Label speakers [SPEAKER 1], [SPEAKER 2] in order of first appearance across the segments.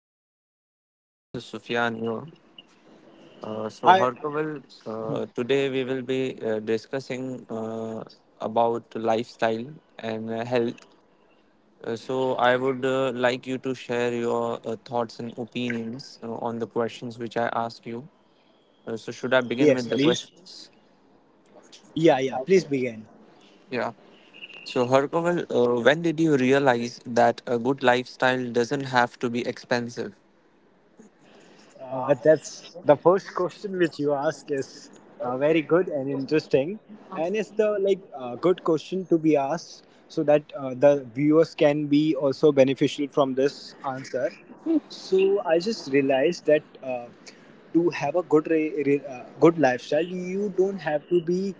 [SPEAKER 1] Hello.
[SPEAKER 2] Hi, Harkaval. This is Sufyan here. So,
[SPEAKER 1] Hi.
[SPEAKER 2] Harkaval, today we will be discussing about lifestyle and health. So, I would like you to share your thoughts and opinions on the questions which I asked you. So,
[SPEAKER 1] Yes,
[SPEAKER 2] should I
[SPEAKER 1] please.
[SPEAKER 2] begin with the questions?
[SPEAKER 1] Yeah. Please begin.
[SPEAKER 2] Yeah. So, Harkaval, when did you realize that a good lifestyle doesn't have to be expensive?
[SPEAKER 1] That's the first question which you ask is very good and interesting, and it's the like good question to be asked so that the viewers can be also beneficial from this answer. So I just realized that to have a good lifestyle, you don't have to be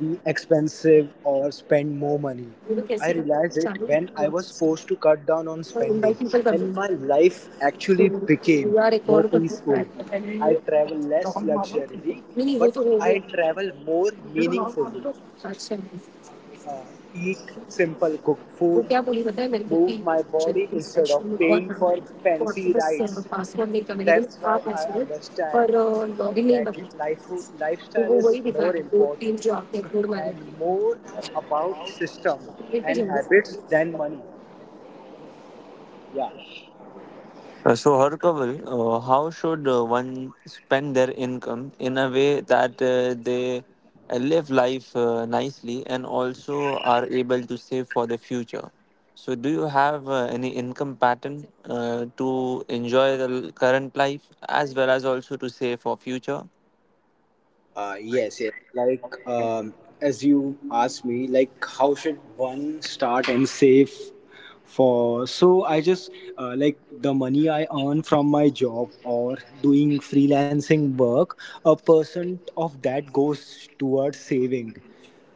[SPEAKER 1] be expensive or spend more money. I realized it when I was forced to cut down on spending, and my life actually became more peaceful. I travel less luxury, but I travel more meaningfully. Uh, eat simple cooked food, move my body instead of paying for fancy rides. That's why I understand that lifestyle is more important and more about system and habits than money. Yeah.
[SPEAKER 2] So, Harkaval, how should one spend their income in a way that they live life nicely and also are able to save for the future? So, do you have any income pattern to enjoy the current life as well as also to save for future?
[SPEAKER 1] Uh, yes, yes. Like, um, as you asked me, like, how should one start and save for? So I just like the money I earn from my job or doing freelancing work. A percent of that goes towards saving,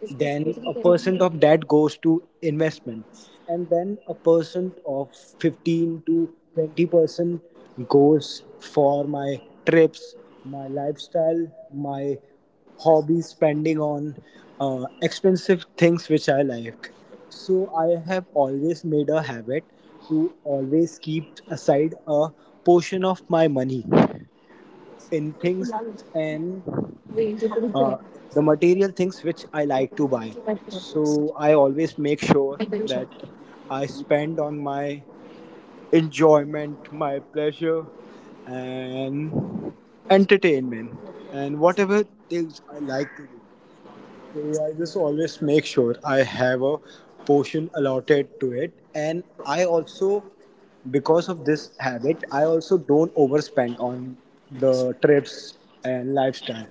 [SPEAKER 1] then a percent of that goes to investment, and then a percent of 15 to 20% goes for my trips, my lifestyle, my hobbies, spending on expensive things which I like. So I have always made a habit to always keep aside a portion of my money in things and uh, the material things which I like to buy. So I always make sure that I spend on my enjoyment, my pleasure, and entertainment, and whatever things I like to do. So I just always make sure I have a portion allotted to it, and I also, because of this habit, I also don't overspend on the trips and lifestyle.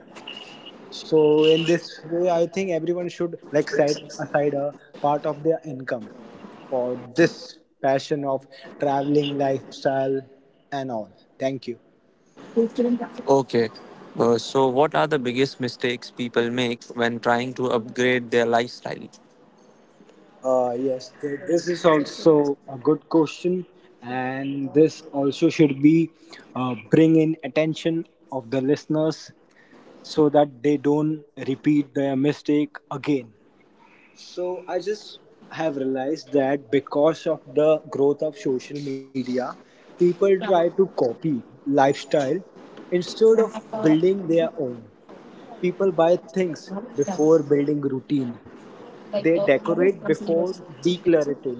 [SPEAKER 1] So in this way, I think everyone should like set aside a part of their income for this passion of traveling, lifestyle, and all. Thank you.
[SPEAKER 2] Okay. So, what are the biggest mistakes people make when trying to upgrade their lifestyle?
[SPEAKER 1] Yes, th- this is also a good question, and this also should be bring in attention of the listeners so that they don't repeat their mistake again. So I just have realized that because of the growth of social media, people try to copy lifestyle instead of building their own. People buy things before building routine. They decorate before decluttering.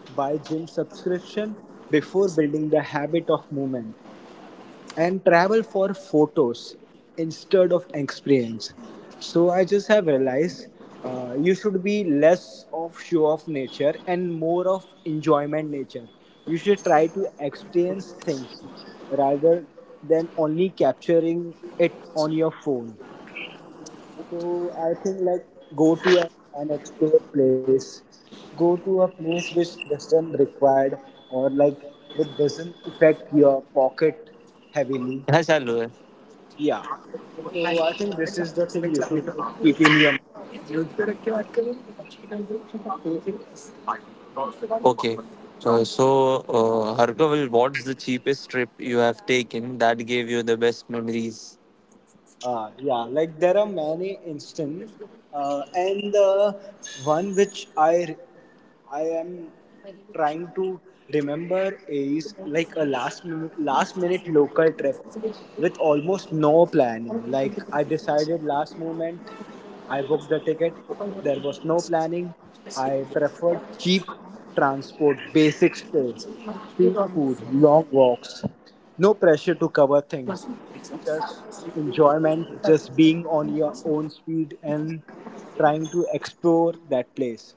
[SPEAKER 1] Buy gym subscription before building the habit of movement and travel for photos instead of experience. So I just have realized you should be less of show of nature and more of enjoyment nature. You should try to experience things rather than only capturing it on your phone. So I think like go to an unexplored place, go to a place which doesn't required or like it doesn't affect your pocket heavily.
[SPEAKER 2] Hi, Salwa.
[SPEAKER 1] Yeah. So I think this is the thing you should keep in your mind.
[SPEAKER 2] Okay. So, Harkaval, what's the cheapest trip you have taken that gave you the best memories?
[SPEAKER 1] Yeah, like there are many instant, and the one which I am trying to remember is like a last minute local trip with almost no planning. Like I decided last moment, I booked the ticket. There was no planning. I preferred cheap transport, basic stay, street food, long walks. No pressure to cover things. Just enjoyment, just being on your own speed and trying to explore that place.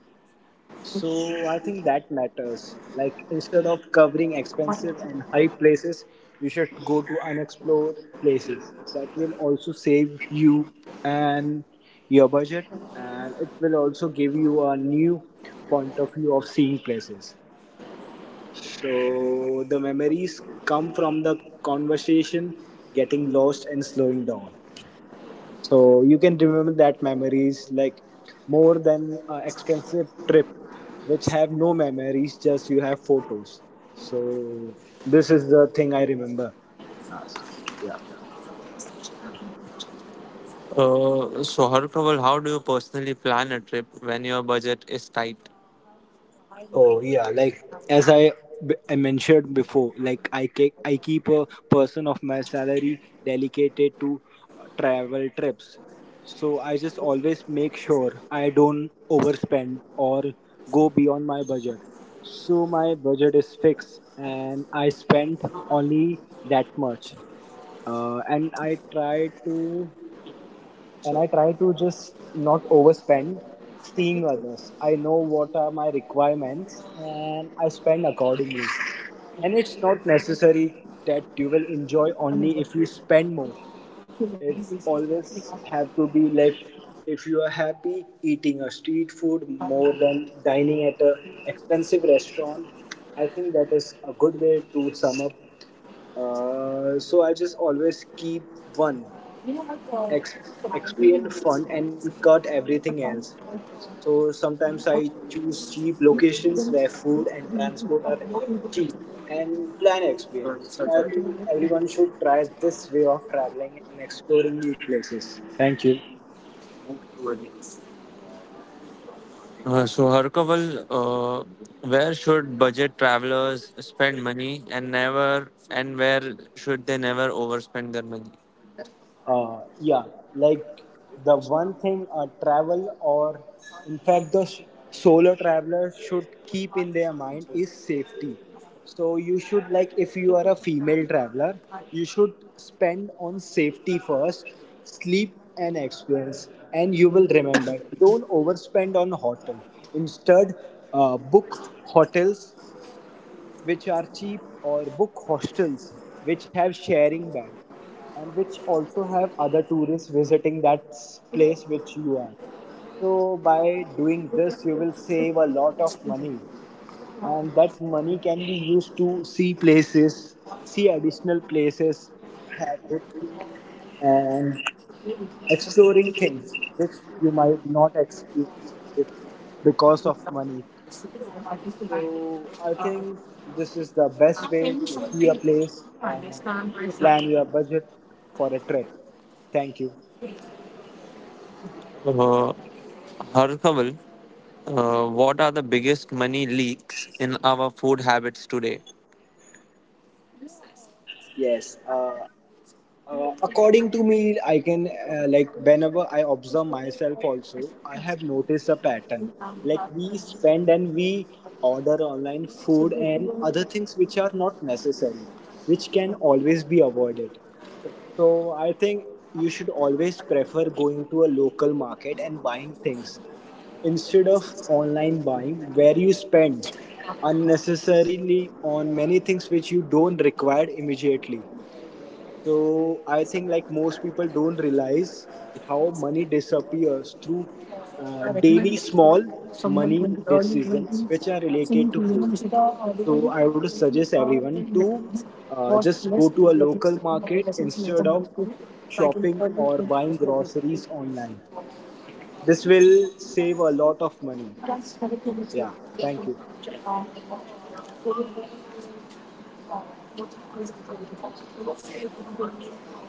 [SPEAKER 1] So I think that matters. Like instead of covering expensive and high places, you should go to unexplored places. That will also save you and your budget, and it will also give you a new point of view of seeing places. So the memories come from the conversation, getting lost and slowing down. So you can remember that memories like more than expensive trip, which have no memories, just you have photos. So this is the thing I remember last. Yeah.
[SPEAKER 2] So, Harkaval, how do you personally plan a trip when your budget is tight?
[SPEAKER 1] Oh yeah, like I mentioned before, like I keep a person of my salary dedicated to travel trips. So I just always make sure I don't overspend or go beyond my budget. So my budget is fixed and I spend only that much. And I try to just not overspend seeing others. I know what are my requirements and I spend accordingly. And it's not necessary that you will enjoy only if you spend more. It's always have to be like if you are happy eating a street food more than dining at a expensive restaurant. I think that is a good way to sum up. Uh, so I just always keep one ex- experience fun and cut everything else. So sometimes I choose cheap locations where food and transport are cheap and plan experience. So I think everyone should try this way of traveling and exploring new places. Thank you.
[SPEAKER 2] So, Harkaval, where should budget travelers spend money and never, and where should they never overspend their money?
[SPEAKER 1] Yeah, like the one thing a travel or, in fact, solo traveler should keep in their mind is safety. So you should like if you are a female traveler, you should spend on safety first, sleep and experience, and you will remember. Don't overspend on hotel. Instead, book hotels which are cheap or book hostels which have sharing bag and which also have other tourists visiting place which you are. So by doing this you will save a lot of money, and that money can be used to see places, see additional places, have good food, and exploring things which you might not experience because of money. So I think this is the best way to see a place and plan your budget for a trip. Thank you.
[SPEAKER 2] Uh, Harkaval, what are the biggest money leaks in our food habits today?
[SPEAKER 1] Yes. According to me, I can like whenever I observe myself also, I have noticed a pattern. Like we spend and we order online food and other things which are not necessary, which can always be avoided. So I think you should always prefer going to a local market and buying things instead of online buying where you spend unnecessarily on many things which you don't require immediately. So I think like most people don't realize how money disappears through daily small money decisions which are related to food. So I would suggest everyone to just go to a local market instead of shopping or buying groceries online. This will save a lot of money. Yeah, thank you.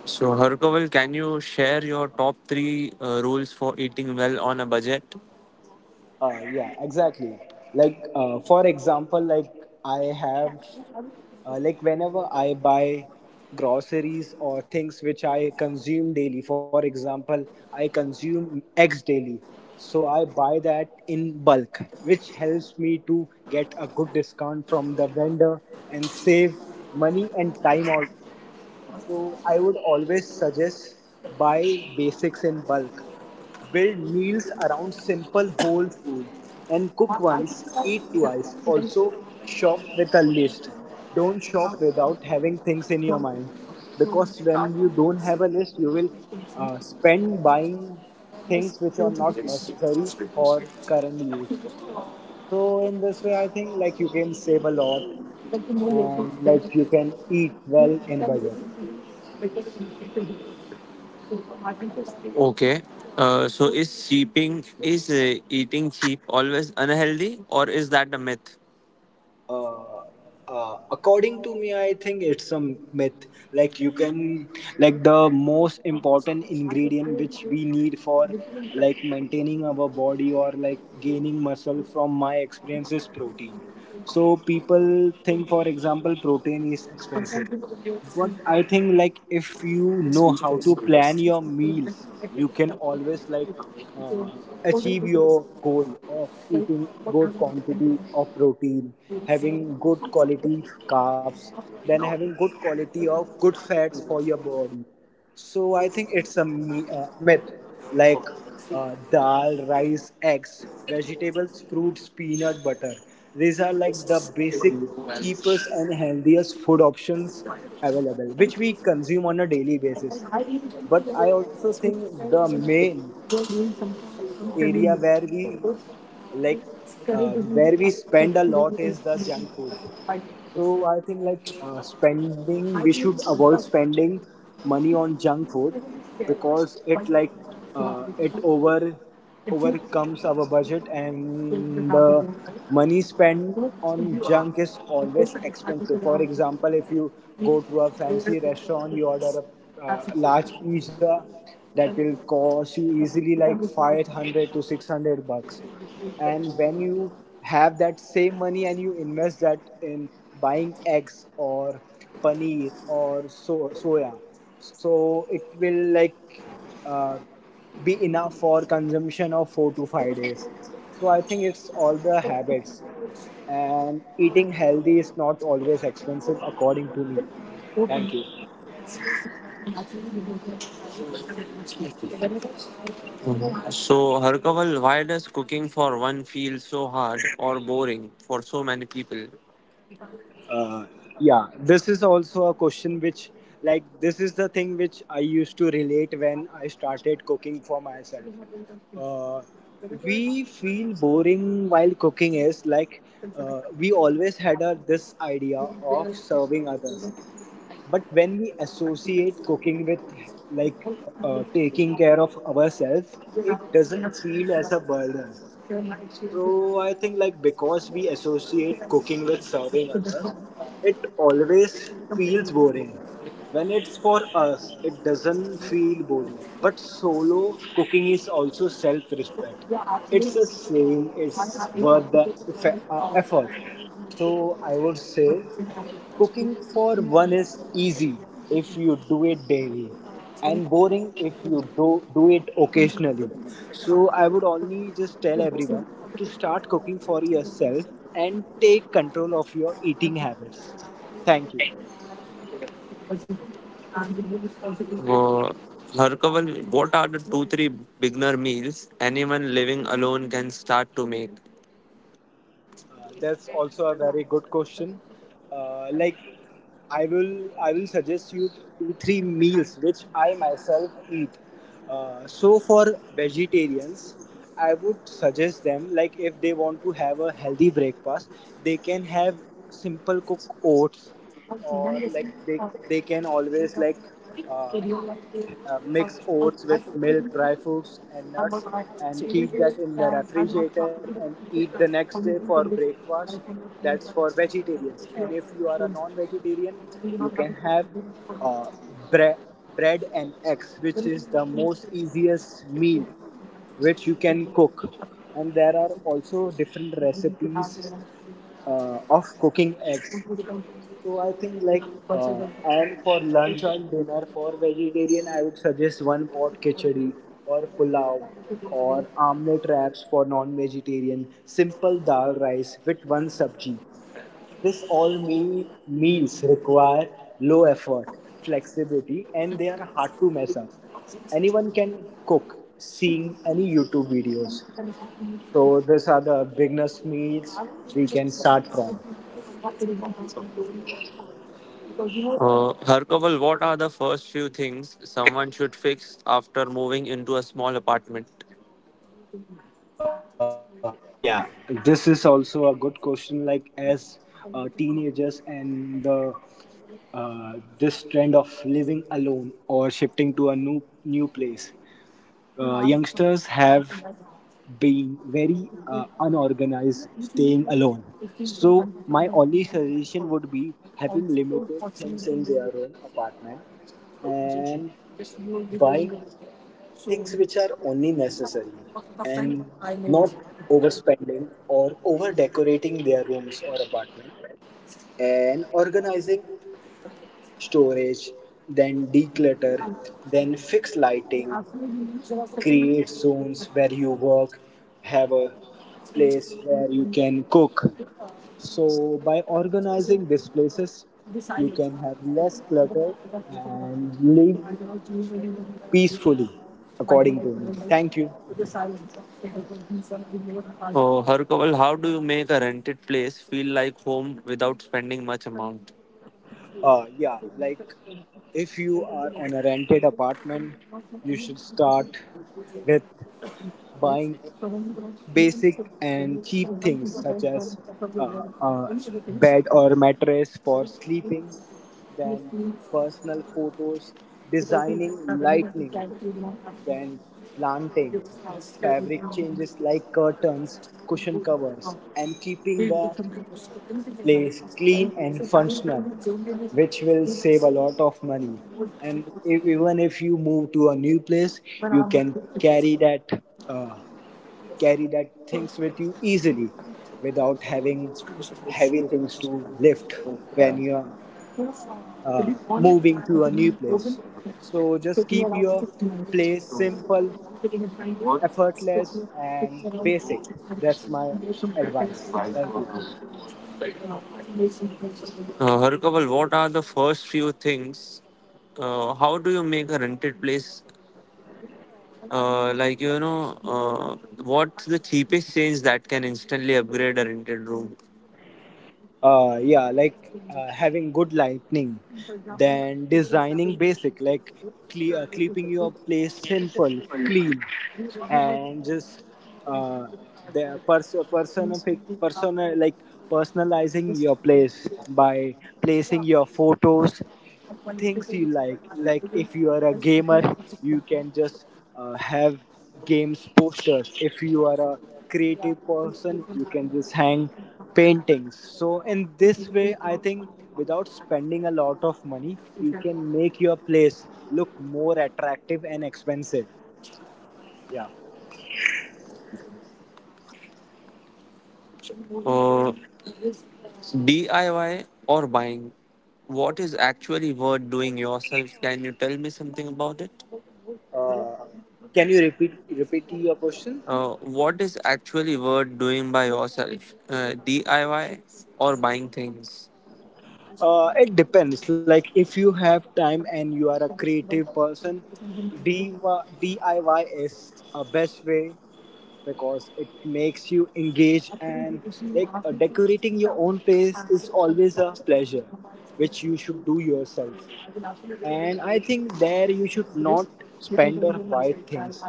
[SPEAKER 2] So, Harkaval, can you share your top three rules for eating well on a budget?
[SPEAKER 1] Yeah, exactly. For example, like I have, like whenever I buy groceries or things which I consume daily, for example, I consume eggs daily. So I buy that in bulk, which helps me to get a good discount from the vendor and save money and time also. So I would always suggest buy basics in bulk. Build meals around simple whole food and cook once, eat twice. Also, shop with a list. Don't shop without having things in your mind because when you don't have a list, you will spend buying things which are not necessary for current use. So, in this way, I think like you can save a lot and like you can eat well in budget.
[SPEAKER 2] Okay. So, is cheaping is eating cheap always unhealthy, or is that a myth?
[SPEAKER 1] Uh, according to me I think it's some myth. Like you can, like the most important ingredient which we need for like maintaining our body or like gaining muscle from my experience is protein. So people think for example protein is expensive, but I think like if you know how to plan your meals, you can always like uh, achieve your goal of eating good quantity of protein, having good quality carbs, then having good quality of good fats for your body. So I think it's a myth. Like dal, rice, eggs, vegetables, fruits, peanut butter. These are like the basic, cheapest, and healthiest food options available, which we consume on a daily basis. But I also think the main area where we like where we spend a lot is the junk food. So I think like spending we should avoid spending money on junk food because it overcomes our budget and money spent on junk is always expensive. For example if you go to a fancy restaurant you order a large pizza, that will cost you easily like 500 to 600 bucks. And when you have that same money and you invest that in buying eggs or paneer or so soya, so it will like uh, be enough for consumption of 4 to 5 days. So I think it's all the habits, and eating healthy is not always expensive according to me. Thank you.
[SPEAKER 2] So, Harkaval, why does cooking for one feel so hard or boring for so many people?
[SPEAKER 1] Uh, yeah this is also a question which like this is the thing which I used to relate when I started cooking for myself. uh, we feel boring while cooking is like we always had a, this idea of serving others, but when we associate cooking with like taking care of ourselves it doesn't feel as a burden. So I think like because we associate cooking with serving others, it always feels boring. When it's for us, it doesn't feel boring. But solo cooking is also self-respect. It's a saying. It's worth the effort. So I would say. Cooking for one is easy if you do it daily and boring if you do it occasionally. So I would only just tell everyone to start cooking for yourself and take control of your eating habits. Thank you.
[SPEAKER 2] Uh, Harkaval, what are the two three beginner meals anyone living alone can start to make?
[SPEAKER 1] That's also a very good question. Like I will suggest you two three meals which I myself eat. So for vegetarians, I would suggest them like if they want to have a healthy breakfast, they can have simple cooked oats, or like they can always uh, mix oats with milk, dry fruits, and nuts, and keep that in the refrigerator and eat the next day for breakfast. That's for vegetarians. And if you are a non vegetarian, you can have uh, bre- bread and eggs, which is the most easiest meal which you can cook. And there are also different recipes of cooking eggs. So I think like and for lunch and dinner for vegetarian, I would suggest one pot khichdi or pulao or omelette wraps for non-vegetarian. Simple dal rice with one sabji. This all meals require low effort, flexibility, and they are hard to mess up. Anyone can cook, seeing any YouTube videos. So these are the beginners meals we can start from.
[SPEAKER 2] Harkaval, what are the first few things someone should fix after moving into a small apartment?
[SPEAKER 1] Yeah, this is also a good question. Like as teenagers and the uh, this trend of living alone or shifting to a new place, youngsters have been very unorganized staying alone, so my only suggestion would be having limited things in their own apartment and buying things which are only necessary and not overspending or over decorating their rooms or apartment, and organizing storage, then declutter, then fix lighting, create zones where you work, have a
[SPEAKER 2] Uh,
[SPEAKER 1] place where you can cook. So, by organizing these places, you can have less clutter and live peacefully, according to me. Thank you.
[SPEAKER 2] Harkaval, how do you make a rented place feel like home without spending much amount?
[SPEAKER 1] Yeah, like if you are on a rented apartment, you should start with buying basic and cheap things such as a bed or mattress for sleeping, then personal photos, designing lighting, then planting, fabric changes like curtains, cushion covers, and keeping the place clean and functional, which will save a lot of money. And if, even if you move to a new place, you can uh, carry that things with you easily, without having heavy things to lift when you're uh, moving to a new place. So just keep your place simple, effortless, and basic. That's my advice. Thank you.
[SPEAKER 2] Harkaval, what are the first few things? How do you make a rented place? Like, what's the cheapest change that can instantly upgrade a rented room?
[SPEAKER 1] Yeah, like having good lighting, then designing basic, like keeping your place simple, clean, and just uh, the pers- personific personal, like personalizing your place by placing your photos, things you like if you are a gamer you can just have games posters. If you are a creative person you can just hang paintings. So in this way I think without spending a lot of money you can make your place look more attractive and expensive. Yeah.
[SPEAKER 2] Uh, DIY or buying? What is actually worth doing yourself? Can you tell me something about it?
[SPEAKER 1] Uh, can you repeat your question?
[SPEAKER 2] What is actually worth doing by yourself? DIY or buying things?
[SPEAKER 1] It depends. Like if you have time and you are a creative person, DIY is a best way because it makes you engage, and like decorating your own place is always a pleasure, which you should do yourself. And I think there you should not spend or buy things.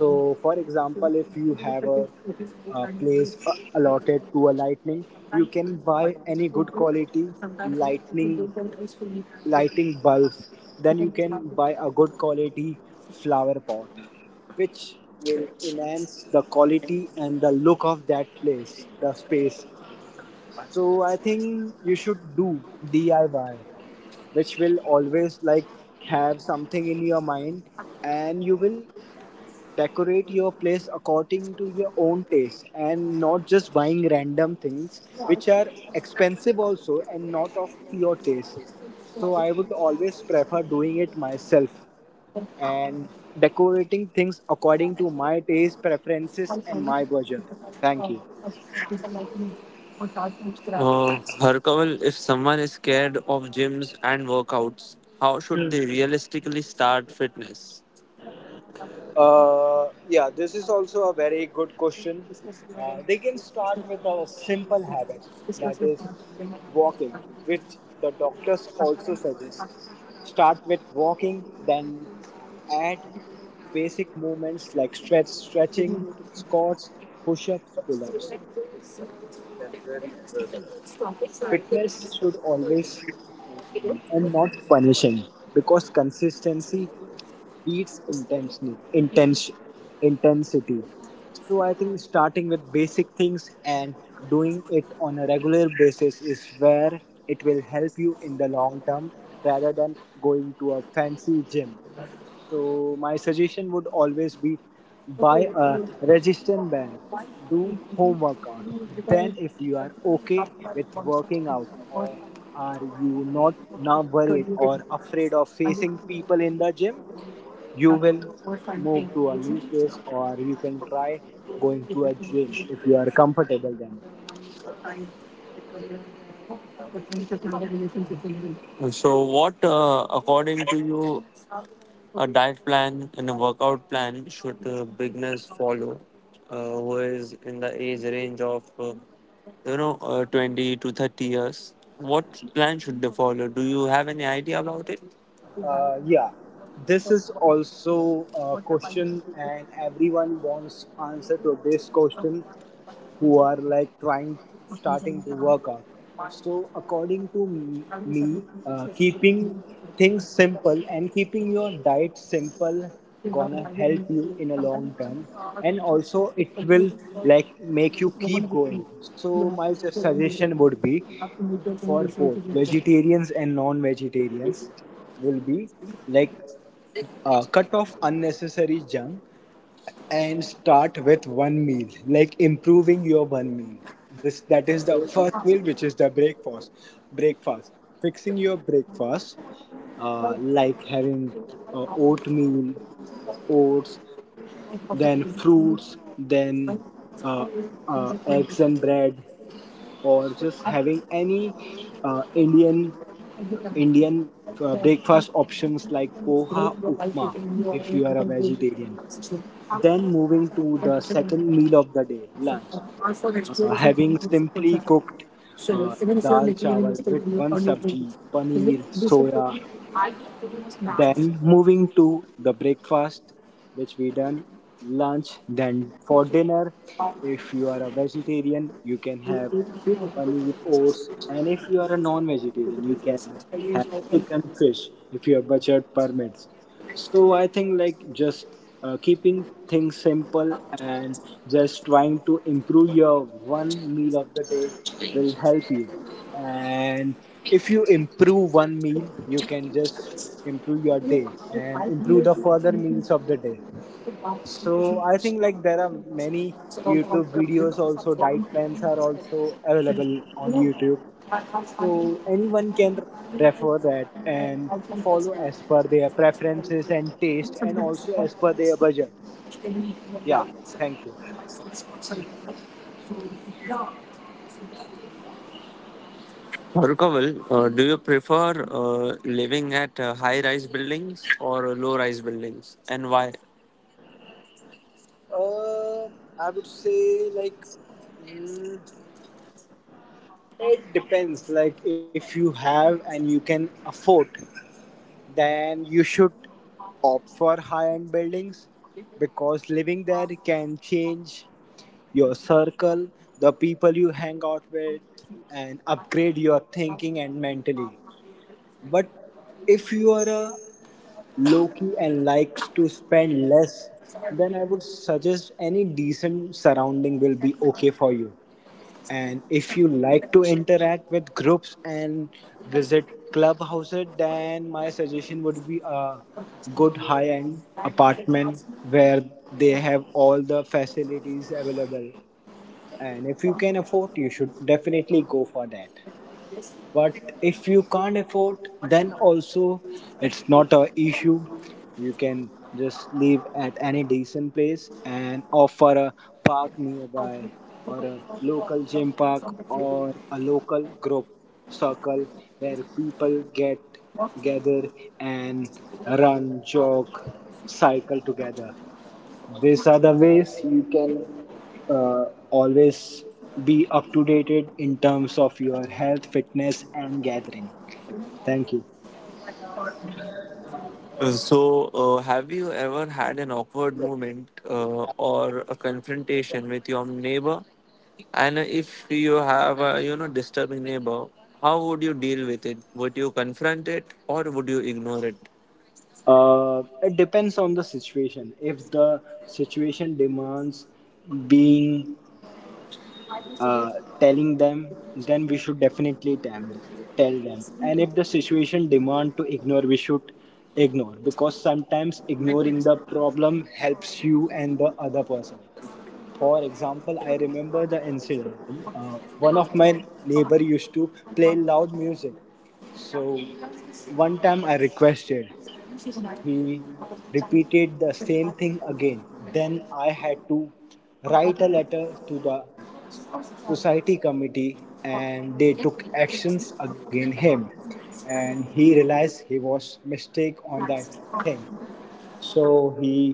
[SPEAKER 1] So, for example, if you have a place allotted to a lightning, you can buy any good quality lightning lighting bulb. Then you can buy a good quality flower pot, which will enhance the quality and the look of that place, the space. So I think you should do DIY, which will always like have something in your mind, and you will decorate your place according to your own taste and not just buying random things which are expensive also and not of your taste. So I would always prefer doing it myself and decorating things according to my taste
[SPEAKER 2] Uh,
[SPEAKER 1] preferences and my budget. Thank you.
[SPEAKER 2] Harkaval, if someone is scared of gyms and workouts, how should
[SPEAKER 1] Hmm.
[SPEAKER 2] they realistically start fitness?
[SPEAKER 1] Yeah, this is also a very good question. They can start with a simple habit, that is walking, which the doctors also suggest. Start with walking, then add basic movements like stretching, squats, push-ups, pull-ups. Fitness should always feel welcoming and not punishing, because consistency beats intensely intense intensity. So I think starting with basic things and doing it on a regular basis is where it will help you in the long term, rather than going to a fancy gym. So my suggestion would always be buy a resistance band, do home workout, then if you are okay with working out or are you not now worried or afraid of facing people in the gym, you will move to a new place, or you can try going to a gym if you are comfortable then.
[SPEAKER 2] So, what, according to you, a diet plan and a workout plan should beginners follow who is in the age range of, 20 to 30 years? What plan should they follow? Do you have any idea about it?
[SPEAKER 1] Yeah, this is also a question, and everyone wants answer to this question who are like trying starting to work out. So, according to me, keeping things simple and keeping your diet simple gonna help you in a long term, and also it will like make you keep going. So, my suggestion would be for both vegetarians and non-vegetarians will be like cut off unnecessary junk and start with one meal, like improving your one meal. This that is the first meal, which is the breakfast, fixing your breakfast. Like having oatmeal, oats, then fruits, then uh, eggs and bread, or just having any Indian breakfast options like poha, upma, if you are a vegetarian. Then moving to the second meal of the day, lunch, having simply cooked uh, dal chawal with one sabji, paneer, soya, then moving to the breakfast, which we done lunch. Then for dinner, if you are a vegetarian, you can have paneer, oats, and if you are a non-vegetarian, you can have chicken, fish if you have budget permits. So I think like just keeping things simple and just trying to improve your one meal of the day will help you. And if you improve one meal you can just improve your day and improve the further meals of the day. So I think like there are many YouTube videos, also diet plans are also available on YouTube. So anyone can refer that and follow as per their preferences and taste and also as per their budget. Yeah. Thank you.
[SPEAKER 2] Harkaval, do you prefer living at high-rise buildings or low-rise buildings, and why?
[SPEAKER 1] Uh, I would say like. mm, It depends. Like if you have and you can afford, then you should opt for high-end buildings because living there can change your circle, the people you hang out with, and upgrade your thinking and mentally. But if you are a low-key and likes to spend less, then I would suggest any decent surrounding will be okay for you. And if you like to interact with groups and visit clubhouses, then my suggestion would be a good high end apartment where they have all the facilities available. And if you can afford, you should definitely go for that, but if you can't afford then also it's not a issue. You can just live at any decent place and offer a park nearby, or a local gym park or a local group circle where people get gather and run, jog, cycle together. These are the ways you can always be up to date in terms of your health, fitness, and gathering. Thank you.
[SPEAKER 2] So, have you ever had an awkward moment or a confrontation with your neighbor? And if you have a disturbing neighbor, how would you deal with it? Would you confront it or would you ignore it?
[SPEAKER 1] It depends on the situation. If the situation demands being uh, telling them, then we should definitely tell them. And if the situation demand to ignore, we should ignore, because sometimes ignoring the problem helps you and the other person. For example, I remember the incident. One of my neighbor used to play loud music. So one time I requested, he repeated the same thing again. Then I had to write a letter to the society committee and they took actions against him, and he realized he was mistake on that thing, so he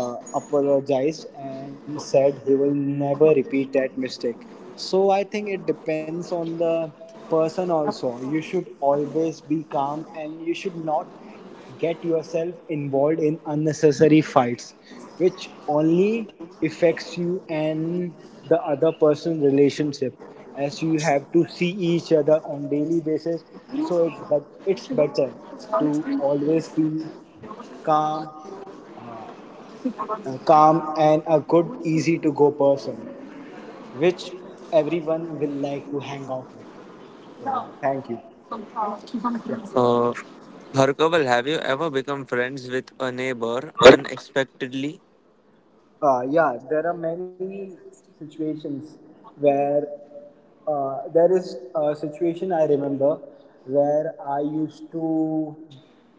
[SPEAKER 1] apologized and said he will never repeat that mistake. So I think it depends on the person also. You should always be calm and you should not get yourself involved in unnecessary fights, which only affects you and the other person relationship, as you have to see each other on daily basis. So it but it's better to always be calm, uh, calm and a good, easy to go person, which everyone will like to hang out with. So thank you. Yeah.
[SPEAKER 2] Uh, Harkaval, have you ever become friends with a neighbor unexpectedly?
[SPEAKER 1] Yeah, there are many situations where there is a situation I remember where I used to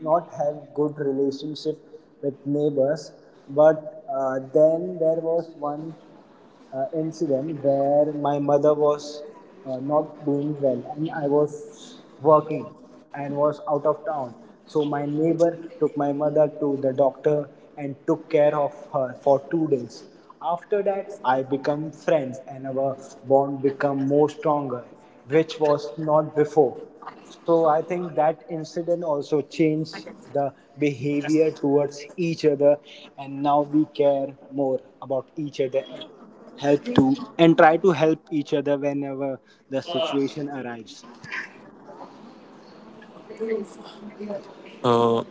[SPEAKER 1] not have good relationship with neighbors, but then there was one incident where my mother was not doing well and I was working and was out of town. So my neighbor took my mother to the doctor and took care of her for 2 days. After that, I become friends and our bond become more stronger, which was not before. So I think that incident also changed the behavior towards each other, and now we care more about each other and help to and try to help each other whenever the situation arrives.
[SPEAKER 2] Uh,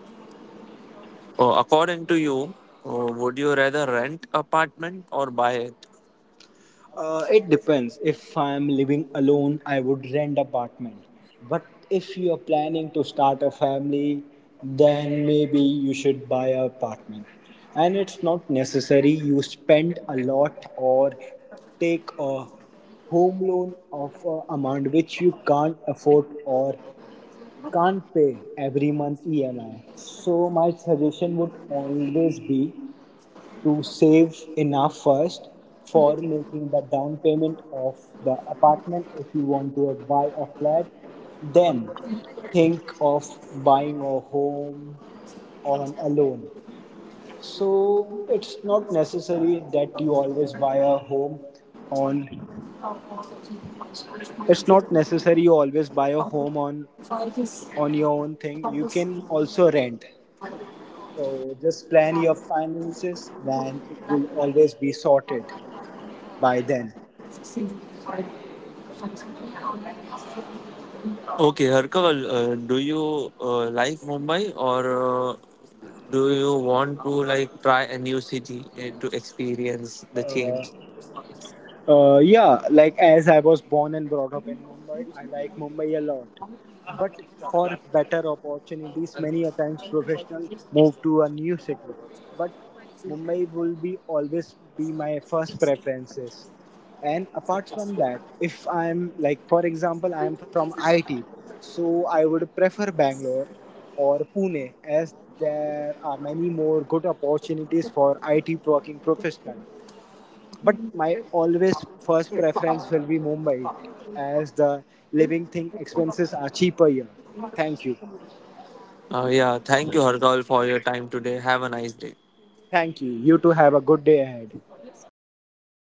[SPEAKER 2] According to you, would you rather rent apartment or buy it?
[SPEAKER 1] It depends. If I'm living alone, I would rent apartment. But if you are planning to start a family, then maybe you should buy a apartment. And it's not necessary you spend a lot or take a home loan of a amount which you can't afford or can't pay every month EMI. So my suggestion would always be to save enough first for making the down payment of the apartment if you want to buy a flat. Then think of buying a home on a loan. So it's not necessary that you always buy a home on it's not necessary you always buy a home on your own thing. You can also rent. So just plan your finances, then it will always be sorted by then.
[SPEAKER 2] Okay, Harkaval, do you like Mumbai or do you want to like try a new city to experience the change?
[SPEAKER 1] Yeah, like as I was born and brought up in Mumbai, I like Mumbai a lot. But for better opportunities, many a times professionals move to a new city. But Mumbai will be always be my first preferences. And apart from that, if I'm like for example, I'm from IT, so I would prefer Bangalore or Pune as there are many more good opportunities for IT working professional. But my always first preference will be Mumbai as the living thing expenses are cheaper here. Thank you.
[SPEAKER 2] Yeah, thank you, Harkaval, for your time today. Have a nice day.
[SPEAKER 1] Thank you. You too have a good day ahead.